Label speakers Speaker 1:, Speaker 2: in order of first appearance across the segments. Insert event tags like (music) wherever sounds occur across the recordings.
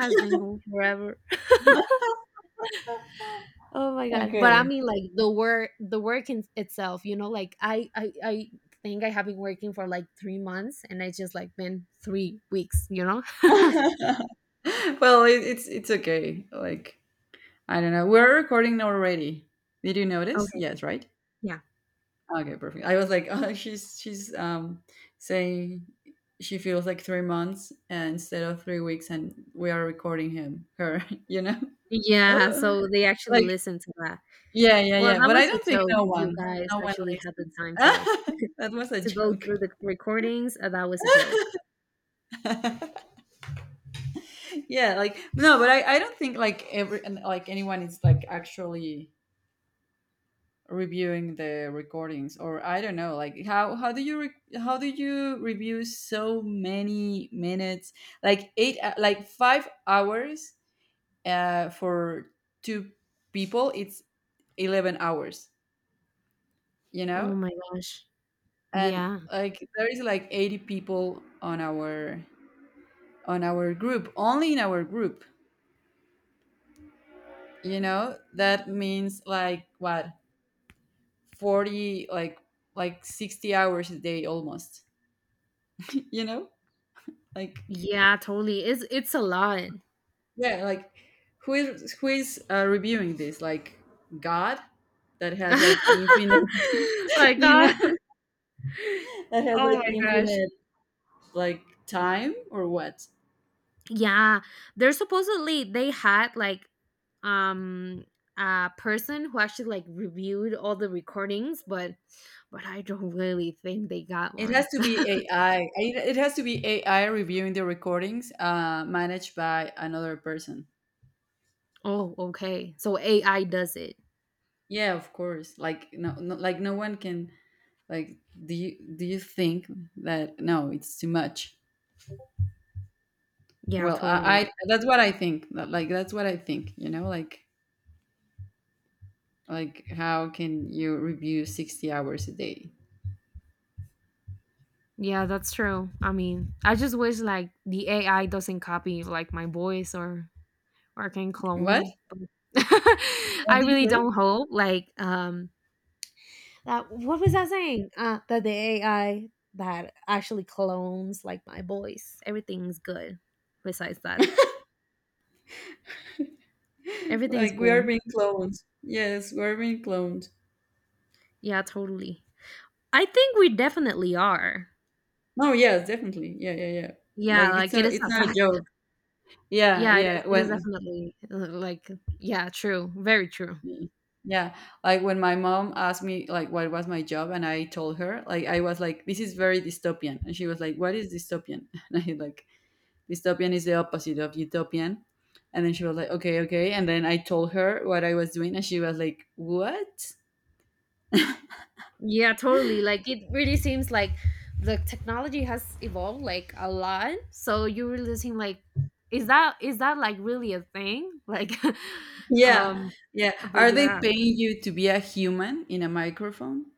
Speaker 1: Has been going forever. Oh my god! But I
Speaker 2: Okay.
Speaker 1: mean, like the work in itself. You know, like I think I have been working for like 3 months, and it's just like been 3 weeks.
Speaker 2: (laughs)
Speaker 1: (laughs)
Speaker 2: Well, it's okay. Like I don't know. We're recording already. Did you notice?
Speaker 1: Okay.
Speaker 2: Yes, right?
Speaker 1: Yeah.
Speaker 2: Okay, perfect. I was like, (laughs) oh, she's saying she feels like 3 months and instead of 3 weeks, and we are recording him, her, (laughs) you know,
Speaker 1: Yeah.
Speaker 2: (gasps)
Speaker 1: So they
Speaker 2: (laughs)
Speaker 1: actually
Speaker 2: like
Speaker 1: listened to that.
Speaker 2: yeah, yeah,
Speaker 1: Well,
Speaker 2: yeah.
Speaker 1: that
Speaker 2: But I
Speaker 1: was a
Speaker 2: don't think
Speaker 1: joke.
Speaker 2: no
Speaker 1: If you
Speaker 2: one,
Speaker 1: guys
Speaker 2: no one
Speaker 1: actually had the
Speaker 2: listens.
Speaker 1: time
Speaker 2: (laughs) That was a
Speaker 1: to go
Speaker 2: joke.
Speaker 1: through the recordings, that was a joke.
Speaker 2: (laughs) Yeah, like no, but I don't think, like like anyone is like actually reviewing the recordings, or I don't know, like how do you how do you review so many minutes, like eight like 5 hours for two people. It's 11 hours, you know
Speaker 1: Oh my gosh.
Speaker 2: and
Speaker 1: Yeah.
Speaker 2: like there is like 80 people on our group, only in our group, that means like what? 40, like 60 hours a day almost. (laughs) you know like
Speaker 1: Yeah. Totally. It's a lot.
Speaker 2: yeah, like who is reviewing this, like God that
Speaker 1: (laughs)
Speaker 2: has like infinite,
Speaker 1: My
Speaker 2: (laughs) you
Speaker 1: god.
Speaker 2: know (laughs) that has
Speaker 1: Oh
Speaker 2: like
Speaker 1: my gosh.
Speaker 2: infinite, like time, or what?
Speaker 1: Yeah, they're supposedly they had like um a person who actually like reviewed all the recordings, but I don't really think they got
Speaker 2: It has
Speaker 1: one.
Speaker 2: to be
Speaker 1: (laughs)
Speaker 2: AI, it has to be AI reviewing the recordings, managed by another person.
Speaker 1: Oh, okay. So AI does it.
Speaker 2: Yeah, of course, like no, no, like no one can, like do you think that? No, it's too much.
Speaker 1: Yeah,
Speaker 2: Well,
Speaker 1: totally.
Speaker 2: I that's what I think. Like that's what I think. You know, like, how can you review 60 hours a day?
Speaker 1: Yeah, that's true. I mean, I just wish like the AI doesn't copy like my voice or can clone
Speaker 2: What?
Speaker 1: me. But- (laughs)
Speaker 2: What
Speaker 1: I
Speaker 2: do
Speaker 1: really
Speaker 2: you
Speaker 1: don't hope like that what was I saying? That the AI that actually clones like my voice. Everything's good. Besides that,
Speaker 2: say?
Speaker 1: everything's
Speaker 2: Like we are
Speaker 1: cool.
Speaker 2: being cloned. Yes, we are being cloned.
Speaker 1: Yeah, totally. I think we definitely are.
Speaker 2: No, yes, definitely. Yeah, yeah, yeah.
Speaker 1: Yeah,
Speaker 2: Like it's
Speaker 1: like it
Speaker 2: not
Speaker 1: is
Speaker 2: it's
Speaker 1: a
Speaker 2: not a
Speaker 1: fact.
Speaker 2: joke. Yeah,
Speaker 1: Yeah, it is.
Speaker 2: yeah.
Speaker 1: It is
Speaker 2: When
Speaker 1: definitely like yeah, true. Very true.
Speaker 2: Yeah, like when my mom asked me like what was my job, and I told her like I was like, this is very dystopian, and she was like, "What is dystopian?" (laughs) And I like dystopian is the opposite of utopian. And then she was like, okay, okay. And then I told her what I was doing, and she was like, what?
Speaker 1: Yeah, totally. Like it really seems like the technology has evolved like a lot. So you really seem like is that like really a thing? Like (laughs)
Speaker 2: Yeah,
Speaker 1: um
Speaker 2: yeah.
Speaker 1: but
Speaker 2: Are they
Speaker 1: yeah.
Speaker 2: (laughs) paying you to be a human in a microphone?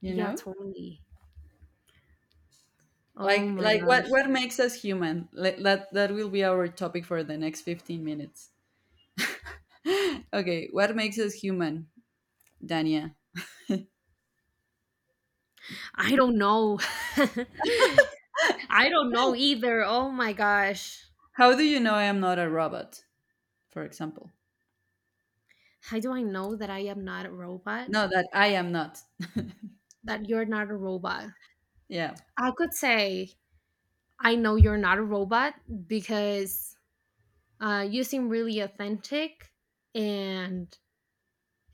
Speaker 2: You
Speaker 1: Yeah,
Speaker 2: know,
Speaker 1: totally. Oh
Speaker 2: like,
Speaker 1: my
Speaker 2: what
Speaker 1: gosh.
Speaker 2: makes us human? Like, that will be our topic for the next 15 minutes. (gasps) Okay, what makes us human, Dania?
Speaker 1: I don't know. (laughs) I don't know either. Oh my gosh.
Speaker 2: How do you know I am not a robot? For example,
Speaker 1: How do I know that I am not a robot?
Speaker 2: no, that I am not.
Speaker 1: That you're not a robot?
Speaker 2: Yeah,
Speaker 1: I could say I know you're not a robot because you seem really authentic and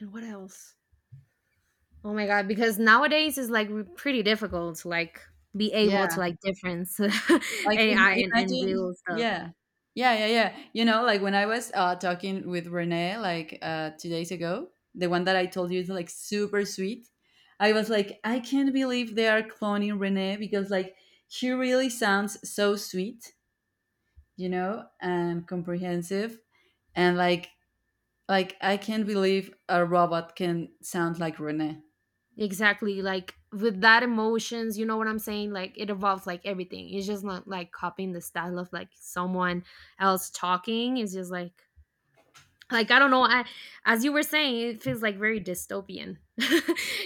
Speaker 1: and what else? Oh my god! Because nowadays it's like pretty difficult to like be able to
Speaker 2: yeah.
Speaker 1: like difference (laughs)
Speaker 2: Like
Speaker 1: AI and
Speaker 2: Imagine,
Speaker 1: real stuff.
Speaker 2: yeah, yeah, yeah, yeah. Like when I was talking with Renee, like 2 days ago, the one that I told you is like super sweet. I was like, I can't believe they are cloning Renee because like she really sounds so sweet, and comprehensive, and I can't believe a robot can sound like Renee.
Speaker 1: Exactly. Like with that emotions, you know what I'm saying? Like it evolves, like everything. It's just not like copying the style of like someone else talking. It's just like I don't know. I as you were saying, it feels like very dystopian. (laughs)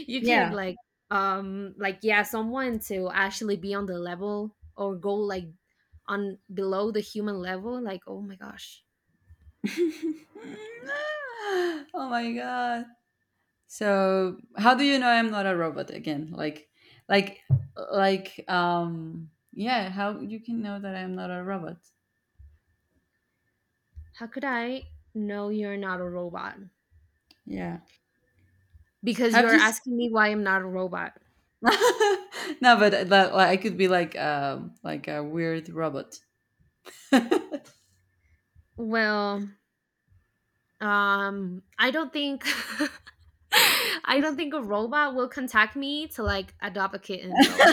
Speaker 1: You can
Speaker 2: Yeah.
Speaker 1: like yeah, someone to actually be on the level or go like on below the human level, like, oh my gosh,
Speaker 2: (laughs) Oh my god. So how do you know I'm not a robot again? Like like yeah, how you can know that I'm not a robot.
Speaker 1: how could I know you're not a robot?
Speaker 2: Yeah.
Speaker 1: Because
Speaker 2: Have
Speaker 1: you're
Speaker 2: you s-
Speaker 1: asking me why I'm not a robot.
Speaker 2: (laughs) No, but that, like, I could be like a weird robot. (laughs) Okay,
Speaker 1: Well, I don't think (laughs) I don't think a robot will contact me to like adopt a kitten, so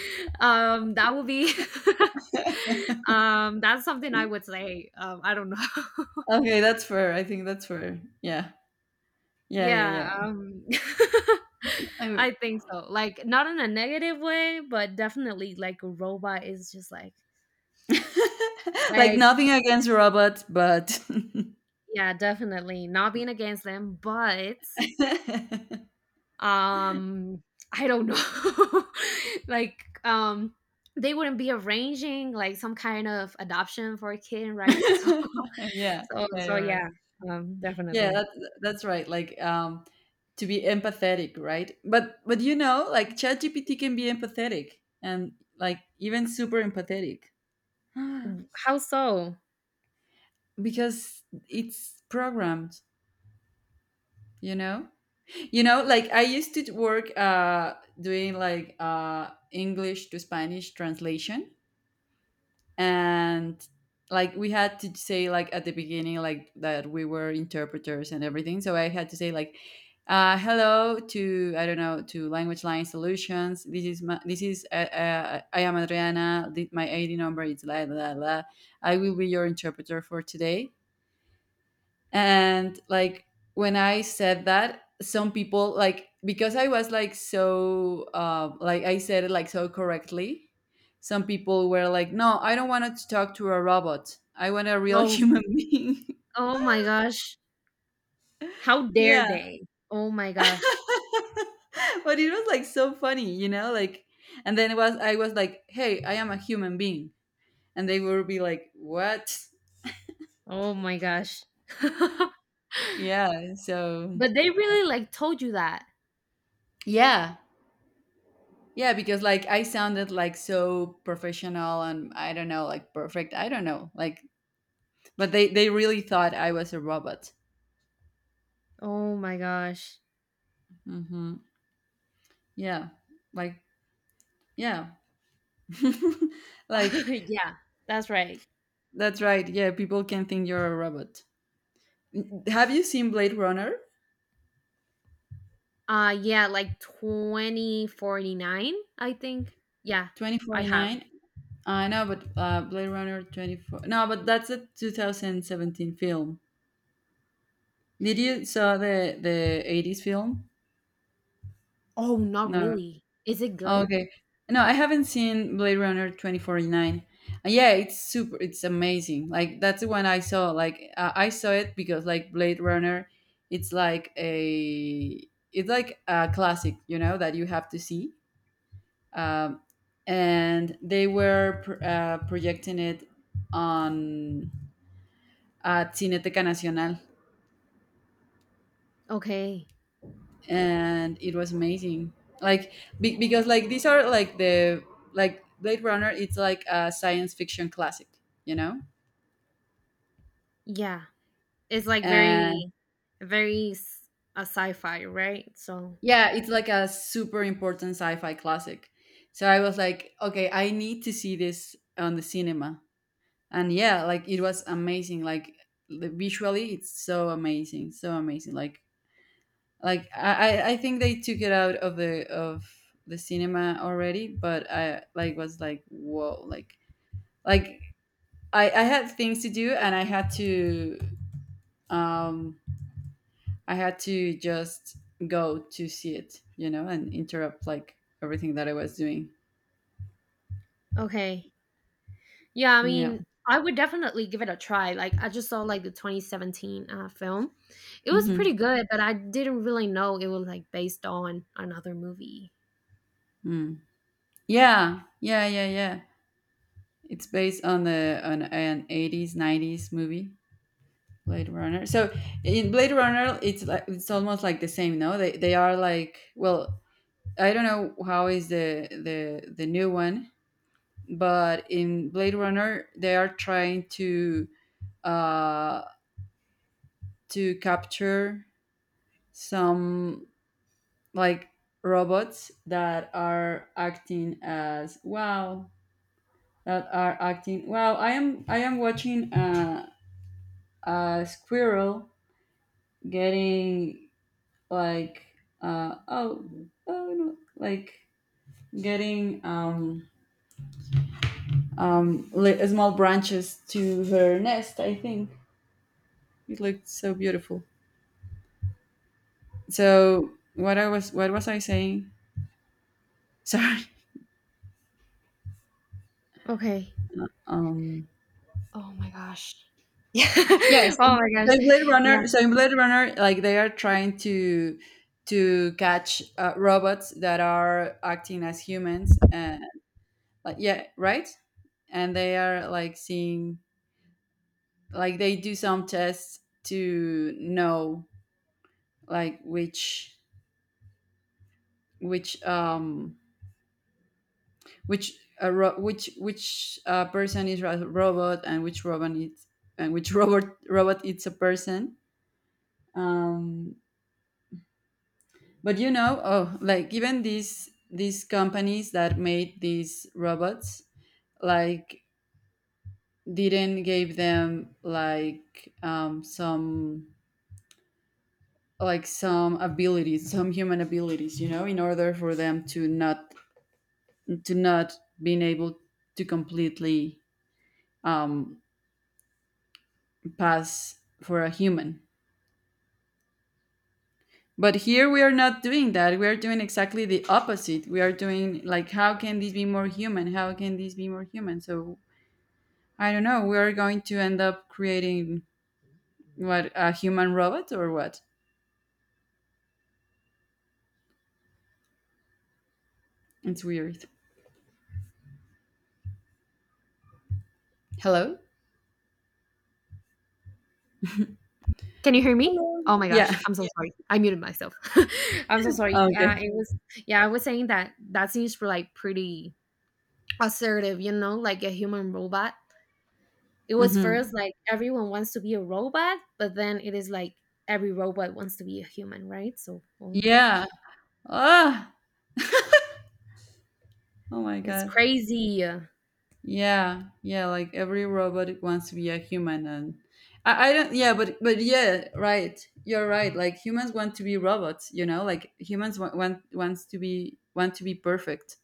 Speaker 1: (laughs) that would be (laughs) that's something I would say, I don't know.
Speaker 2: that's fair. I think that's fair. Yeah.
Speaker 1: (laughs)
Speaker 2: Yeah, yeah,
Speaker 1: Yeah,
Speaker 2: yeah.
Speaker 1: (laughs)
Speaker 2: I mean,
Speaker 1: I think so, like not in a negative way, but definitely like a robot is just
Speaker 2: (laughs) like
Speaker 1: like
Speaker 2: nothing against robots, but
Speaker 1: yeah, definitely not being against them but
Speaker 2: (laughs)
Speaker 1: um I don't know. (laughs) Like they wouldn't be arranging like some kind of adoption for a kid, right? (laughs) so
Speaker 2: yeah.
Speaker 1: so
Speaker 2: Yeah,
Speaker 1: so
Speaker 2: you're right.
Speaker 1: yeah,
Speaker 2: Yeah,
Speaker 1: definitely.
Speaker 2: that's right. Like to be empathetic, right? But like ChatGPT can be empathetic, and like even super empathetic. (gasps)
Speaker 1: How so?
Speaker 2: Because it's programmed, you know? You know, like I used to work, doing like English to Spanish translation, and like we had to say like at the beginning like that we were interpreters and everything, so I had to say like hello to, I don't know, to Language Line Solutions. This is my, this is I am Adriana. My ID number is la la la la. I will be your interpreter for today. And like when I said that, some people, like because I was like so like I said it like so correctly, some people were like, no, I don't want to talk to a robot, I want a real (laughs)
Speaker 1: Oh,
Speaker 2: human being.
Speaker 1: oh my gosh, how dare
Speaker 2: Yeah.
Speaker 1: they? Oh my gosh.
Speaker 2: (laughs) But it was like so funny, like. And then it was I was like, hey, I am a human being. And they would be like, what?
Speaker 1: Oh my gosh. (laughs)
Speaker 2: Yeah. So
Speaker 1: But they really like told you that?
Speaker 2: yeah yeah because like I sounded like so professional, and I don't know, like perfect. I don't know, like, but they really thought I was a robot.
Speaker 1: Oh my gosh.
Speaker 2: Hmm. Yeah. Like yeah, (laughs)
Speaker 1: (laughs)
Speaker 2: like
Speaker 1: Yeah, that's right.
Speaker 2: that's right. Yeah, people can think you're a robot. Have you seen Blade Runner
Speaker 1: Yeah, like 2049, I think. Yeah,
Speaker 2: twenty
Speaker 1: I
Speaker 2: forty
Speaker 1: have.
Speaker 2: nine? I know, but Blade Runner 24. No, but that's a 2017 film. Did you saw the eighties film?
Speaker 1: Oh, not
Speaker 2: No.
Speaker 1: really. Is it good?
Speaker 2: Okay. No, I haven't seen Blade Runner 2049. Yeah, it's super, it's amazing. Like that's the one I saw. Like I saw it because like Blade Runner, it's like a it's like a classic, you know, that you have to see. Um and they were projecting it on Cineteca Nacional.
Speaker 1: Okay.
Speaker 2: And it was amazing. Like because like these are like the, like Blade Runner, it's like a science fiction classic you know
Speaker 1: Yeah. It's like
Speaker 2: and
Speaker 1: very, very a sci-fi, right? So,
Speaker 2: yeah, it's like a super important sci-fi classic. So I was like, okay, I need to see this on the cinema. And yeah, like it was amazing. Like visually it's so amazing, so amazing. Like like I, I think they took it out of the cinema already, but I like was like, whoa. Like like I had things to do, and um I had to just go to see it, you know, and interrupt like everything that I was doing.
Speaker 1: okay. Yeah, I
Speaker 2: Yeah.
Speaker 1: mean, I would definitely give it a try. Like, I just saw like the 2017 film. It was
Speaker 2: Hmm.
Speaker 1: pretty good, but I didn't really know it was like based on another movie.
Speaker 2: Mm. Yeah. Yeah. Yeah. Yeah. It's based on the on an eighties 90s movie, Blade Runner. So in Blade Runner, it's almost like the same. No, they are like, well, I don't know how is the new one, but in Blade Runner, they are trying to, uh, to capture some, like robots that are acting as, wow, that are acting, wow, I am watching a squirrel getting like, uh, oh, oh no, like getting, small branches to her nest, I think. It looked so beautiful. So what was I saying? (laughs) Sorry.
Speaker 1: Okay.
Speaker 2: um
Speaker 1: Oh my gosh. (laughs) Yeah.
Speaker 2: Yes.
Speaker 1: Oh my
Speaker 2: So
Speaker 1: gosh.
Speaker 2: in Blade Runner, like they are trying to catch, robots that are acting as humans, and like yeah, right. And they are like seeing, like they do some tests to know like which um which person is a robot, and which robot is, and which (laughs) robot is a person. um But you know, oh, like even these companies that made these robots, like didn't give them like some, like some abilities, some human abilities, in order for them to not to not being able to completely, um, pass for a human. But here we are not doing that. We are doing exactly the opposite. We are doing like, how can this be more human? How can this be more human? So I don't know. We are going to end up creating what? A human robot or what? It's weird. Hello.
Speaker 1: Can you hear me?
Speaker 2: Hello.
Speaker 1: Oh my
Speaker 2: Yeah.
Speaker 1: gosh,
Speaker 2: (laughs)
Speaker 1: I'm so sorry. I muted myself. (laughs) I'm so sorry. Yeah,
Speaker 2: Okay.
Speaker 1: it was. Yeah, I was saying that that seems like pretty assertive, you know, like a human robot. It was
Speaker 2: Mm-hmm.
Speaker 1: first like everyone wants to be a robot, but then it is like every robot wants to be a human, right? So, oh my
Speaker 2: Yeah.
Speaker 1: gosh,
Speaker 2: Ah. Oh my
Speaker 1: it's
Speaker 2: god.
Speaker 1: crazy.
Speaker 2: Yeah. Yeah. Like every robot wants to be a human, and I don't. Yeah. But yeah. Right. You're right. Like humans want to be robots. You know. Like humans want to be perfect.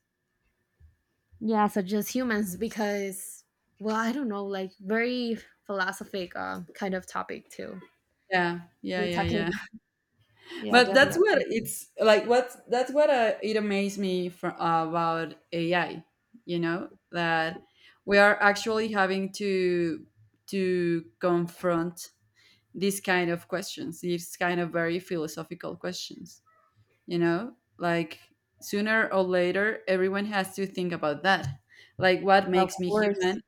Speaker 1: Yeah, so just humans because, well, I don't know, like very philosophic kind of topic too.
Speaker 2: Yeah. Yeah.
Speaker 1: We're
Speaker 2: Yeah. Yeah.
Speaker 1: talking. Yeah,
Speaker 2: But that's what
Speaker 1: definitely.
Speaker 2: it's like. What That's what, it amazed me for, about AI. You know that we are actually having to confront these kind of questions, these kind of very philosophical questions. You know, like sooner or later, everyone has to think about that. Like, what
Speaker 1: So, of
Speaker 2: makes me
Speaker 1: course.
Speaker 2: human?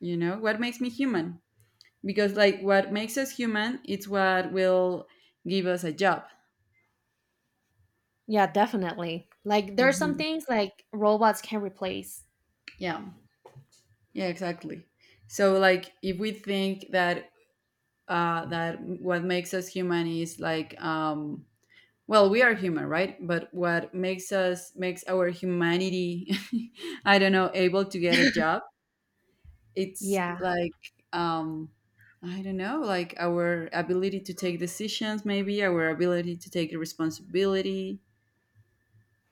Speaker 2: You know, what makes me human? Because like, what makes us human? It's what will give us a job.
Speaker 1: Yeah, definitely. Like there are some
Speaker 2: Hmm.
Speaker 1: things like robots can replace.
Speaker 2: Yeah. Yeah, exactly. So like if we think that, what makes us human, is like, well, we are human, right? But what makes us makes our humanity, (laughs) I don't know, able to get a job, it's
Speaker 1: Yeah.
Speaker 2: like, um I don't know, like our ability to take decisions maybe, our ability to take responsibility,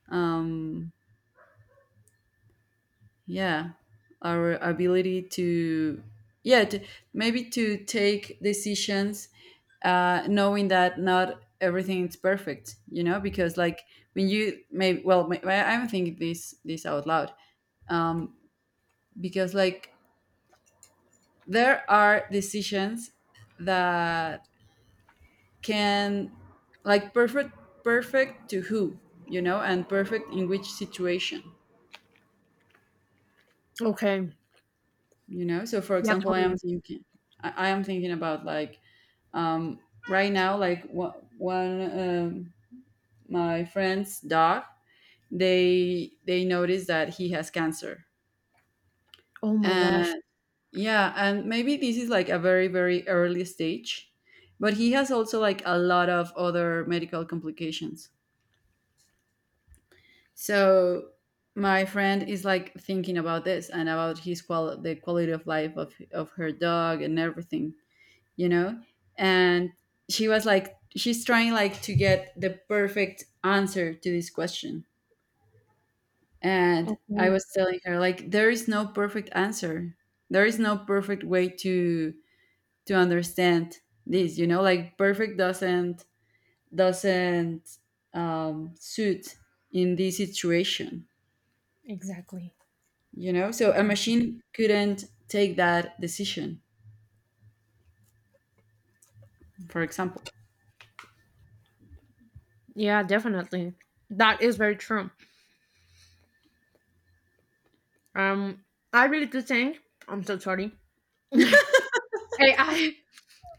Speaker 2: um yeah, our ability to, yeah, to, maybe to take decisions, knowing that not everything is perfect, you know, because like when you maybe, well, may, I'm thinking this out loud, um, because like there are decisions that can, like, perfect, perfect to who? You know, and perfect in which situation?
Speaker 1: Okay.
Speaker 2: So for
Speaker 1: Yeah,
Speaker 2: example,
Speaker 1: totally.
Speaker 2: I am thinking about like, um right now, like wha- one um, my friend's dog, they notice that he has cancer,
Speaker 1: Oh my gosh.
Speaker 2: and yeah, and maybe this is like a very, very early stage, but he has also like a lot of other medical complications. So my friend is like thinking about this and about his qual the quality of life of her dog and everything, you know and she was like, she's trying like to get the perfect answer to this question. And I
Speaker 1: Okay.
Speaker 2: was telling her like there is no perfect answer. There is no perfect way to understand this, you know, like perfect doesn't, doesn't suit in this situation,
Speaker 1: Exactly.
Speaker 2: you know? So a machine couldn't take that decision, for example.
Speaker 1: Yeah, definitely. That is very true. Um, I really do think I'm so sorry. (laughs) AI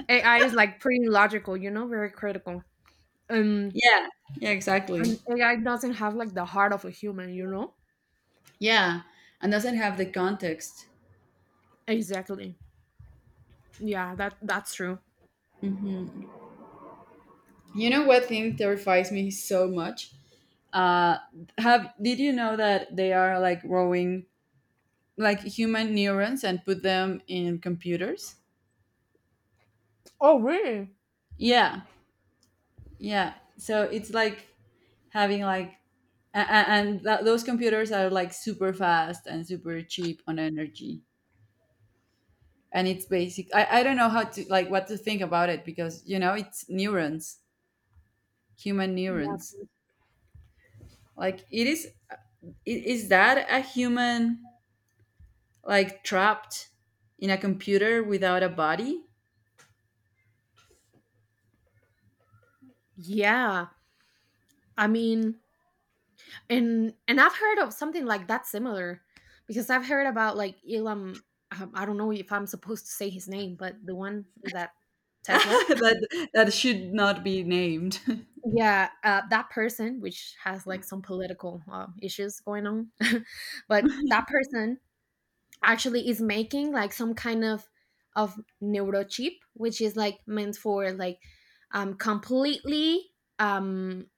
Speaker 1: AI is like pretty logical, you know, very critical. Um,
Speaker 2: Yeah, yeah, exactly.
Speaker 1: and AI doesn't have like the heart of a human, you know.
Speaker 2: Yeah, and doesn't have the context.
Speaker 1: Exactly. Yeah, that that's true.
Speaker 2: Hmm. You know what thing terrifies me so much? Uh, have did you know that they are like growing like human neurons and put them in computers?
Speaker 1: Oh, really?
Speaker 2: Yeah, yeah. So it's like having like those computers are like super fast and super cheap on energy. And it's basic I don't know how to, like, what to think about it, because you know it's neurons, human
Speaker 1: Yeah.
Speaker 2: neurons. Like is that a human like trapped in a computer without a body?
Speaker 1: Yeah. I mean, and I've heard of something like that similar because I've heard about like Elon, I don't know if I'm supposed to say his name, but the one that
Speaker 2: (laughs)
Speaker 1: Tesla.
Speaker 2: That should not be named. (laughs)
Speaker 1: (laughs) Yeah, that person which has like some political issues going on. (laughs) But that person actually is making like some kind of neurochip which is like meant for like completely um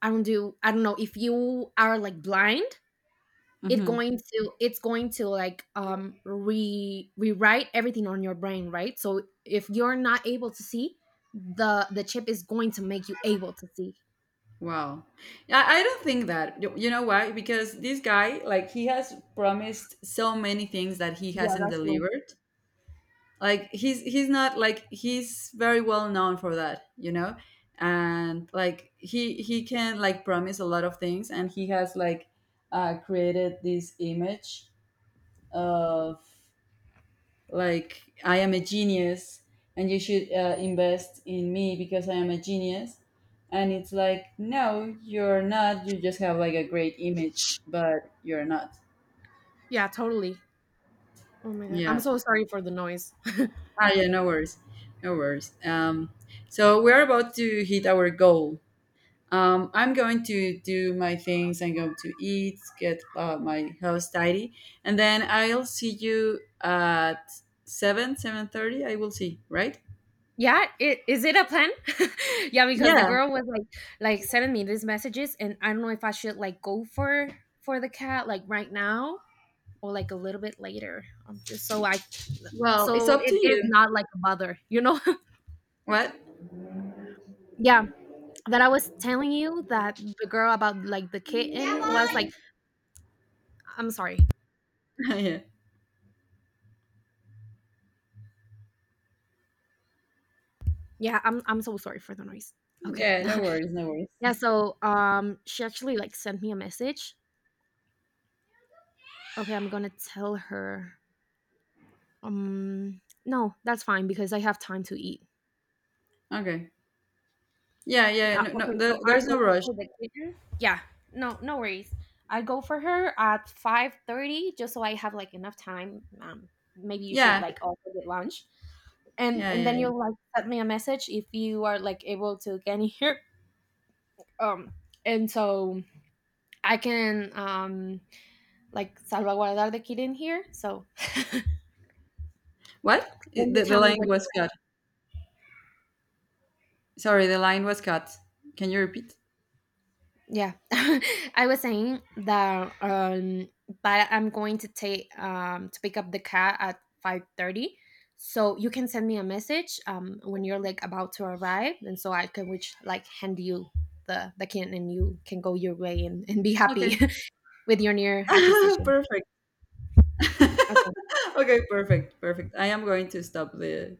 Speaker 1: I don't do I don't know if you are like blind, it
Speaker 2: Mhm.
Speaker 1: going to it's going to like re rewrite everything on your brain, right? So if you're not able to see, the chip is going to make you able to see.
Speaker 2: Wow. I don't think that. You know why? Because this guy, like, he has promised so many things that he
Speaker 1: Yeah,
Speaker 2: hasn't
Speaker 1: that's true.
Speaker 2: delivered. Like he's not, like he's very well known for that, you know? And like he can like promise a lot of things, and he has like created this image of like, I am a genius, and you should, invest in me because I am a genius. And it's like, no, you're not. You just have like a great image, but you're not.
Speaker 1: Yeah, totally. Oh my god, I'm
Speaker 2: Yeah.
Speaker 1: so sorry for the noise. (laughs)
Speaker 2: Ah, yeah, no worries. No worries. So we're about to hit our goal. I'm going to do my things. I'm going to eat, get, my house tidy, and then I'll see you at seven, 7:30. I will see, right?
Speaker 1: Yeah, it, is it a plan? (laughs) Yeah, because the
Speaker 2: Yeah.
Speaker 1: girl was like sending me these messages, and I don't know if I should like go for the cat like right now or like a little bit later, just so I
Speaker 2: Well, it's
Speaker 1: so
Speaker 2: up to
Speaker 1: it is
Speaker 2: you.
Speaker 1: not like a bother, you know.
Speaker 2: What?
Speaker 1: (laughs) Yeah, that I was telling you that the girl about like the kitten was like I'm sorry.
Speaker 2: (laughs) Yeah.
Speaker 1: Yeah, I'm so sorry for the noise. Okay.
Speaker 2: Yeah, no worries, no
Speaker 1: (laughs) Yeah,
Speaker 2: worries.
Speaker 1: so she actually like sent me a message. Okay, I'm gonna tell her, um no, that's fine because I have time to eat.
Speaker 2: Okay. Yeah, yeah, no, no,
Speaker 1: Okay, so I
Speaker 2: there's
Speaker 1: go
Speaker 2: no rush.
Speaker 1: for the kitchen. Yeah, no, no worries. I go for her at 5:30, just so I have like enough time. Maybe you should
Speaker 2: Yeah,
Speaker 1: like also get lunch,
Speaker 2: yeah,
Speaker 1: and
Speaker 2: yeah,
Speaker 1: then
Speaker 2: yeah.
Speaker 1: you'll like send me a message if you are like able to get in here. Um, and so I can like salvaguardar the kid in here. So
Speaker 2: What?
Speaker 1: when you
Speaker 2: The
Speaker 1: tell me
Speaker 2: line
Speaker 1: what.
Speaker 2: was cut. Sorry, the line was cut. Can you repeat?
Speaker 1: Yeah, (laughs) I was saying that, but I'm going to take to pick up the cat at 5:30, so you can send me a message when you're like about to arrive, and so I can which like hand you the kitten, and you can go your way and be happy
Speaker 2: Okay.
Speaker 1: (laughs) with your near
Speaker 2: (laughs)
Speaker 1: acquisition.
Speaker 2: Perfect. (laughs)
Speaker 1: Okay.
Speaker 2: Okay, perfect, perfect. I am going to stop the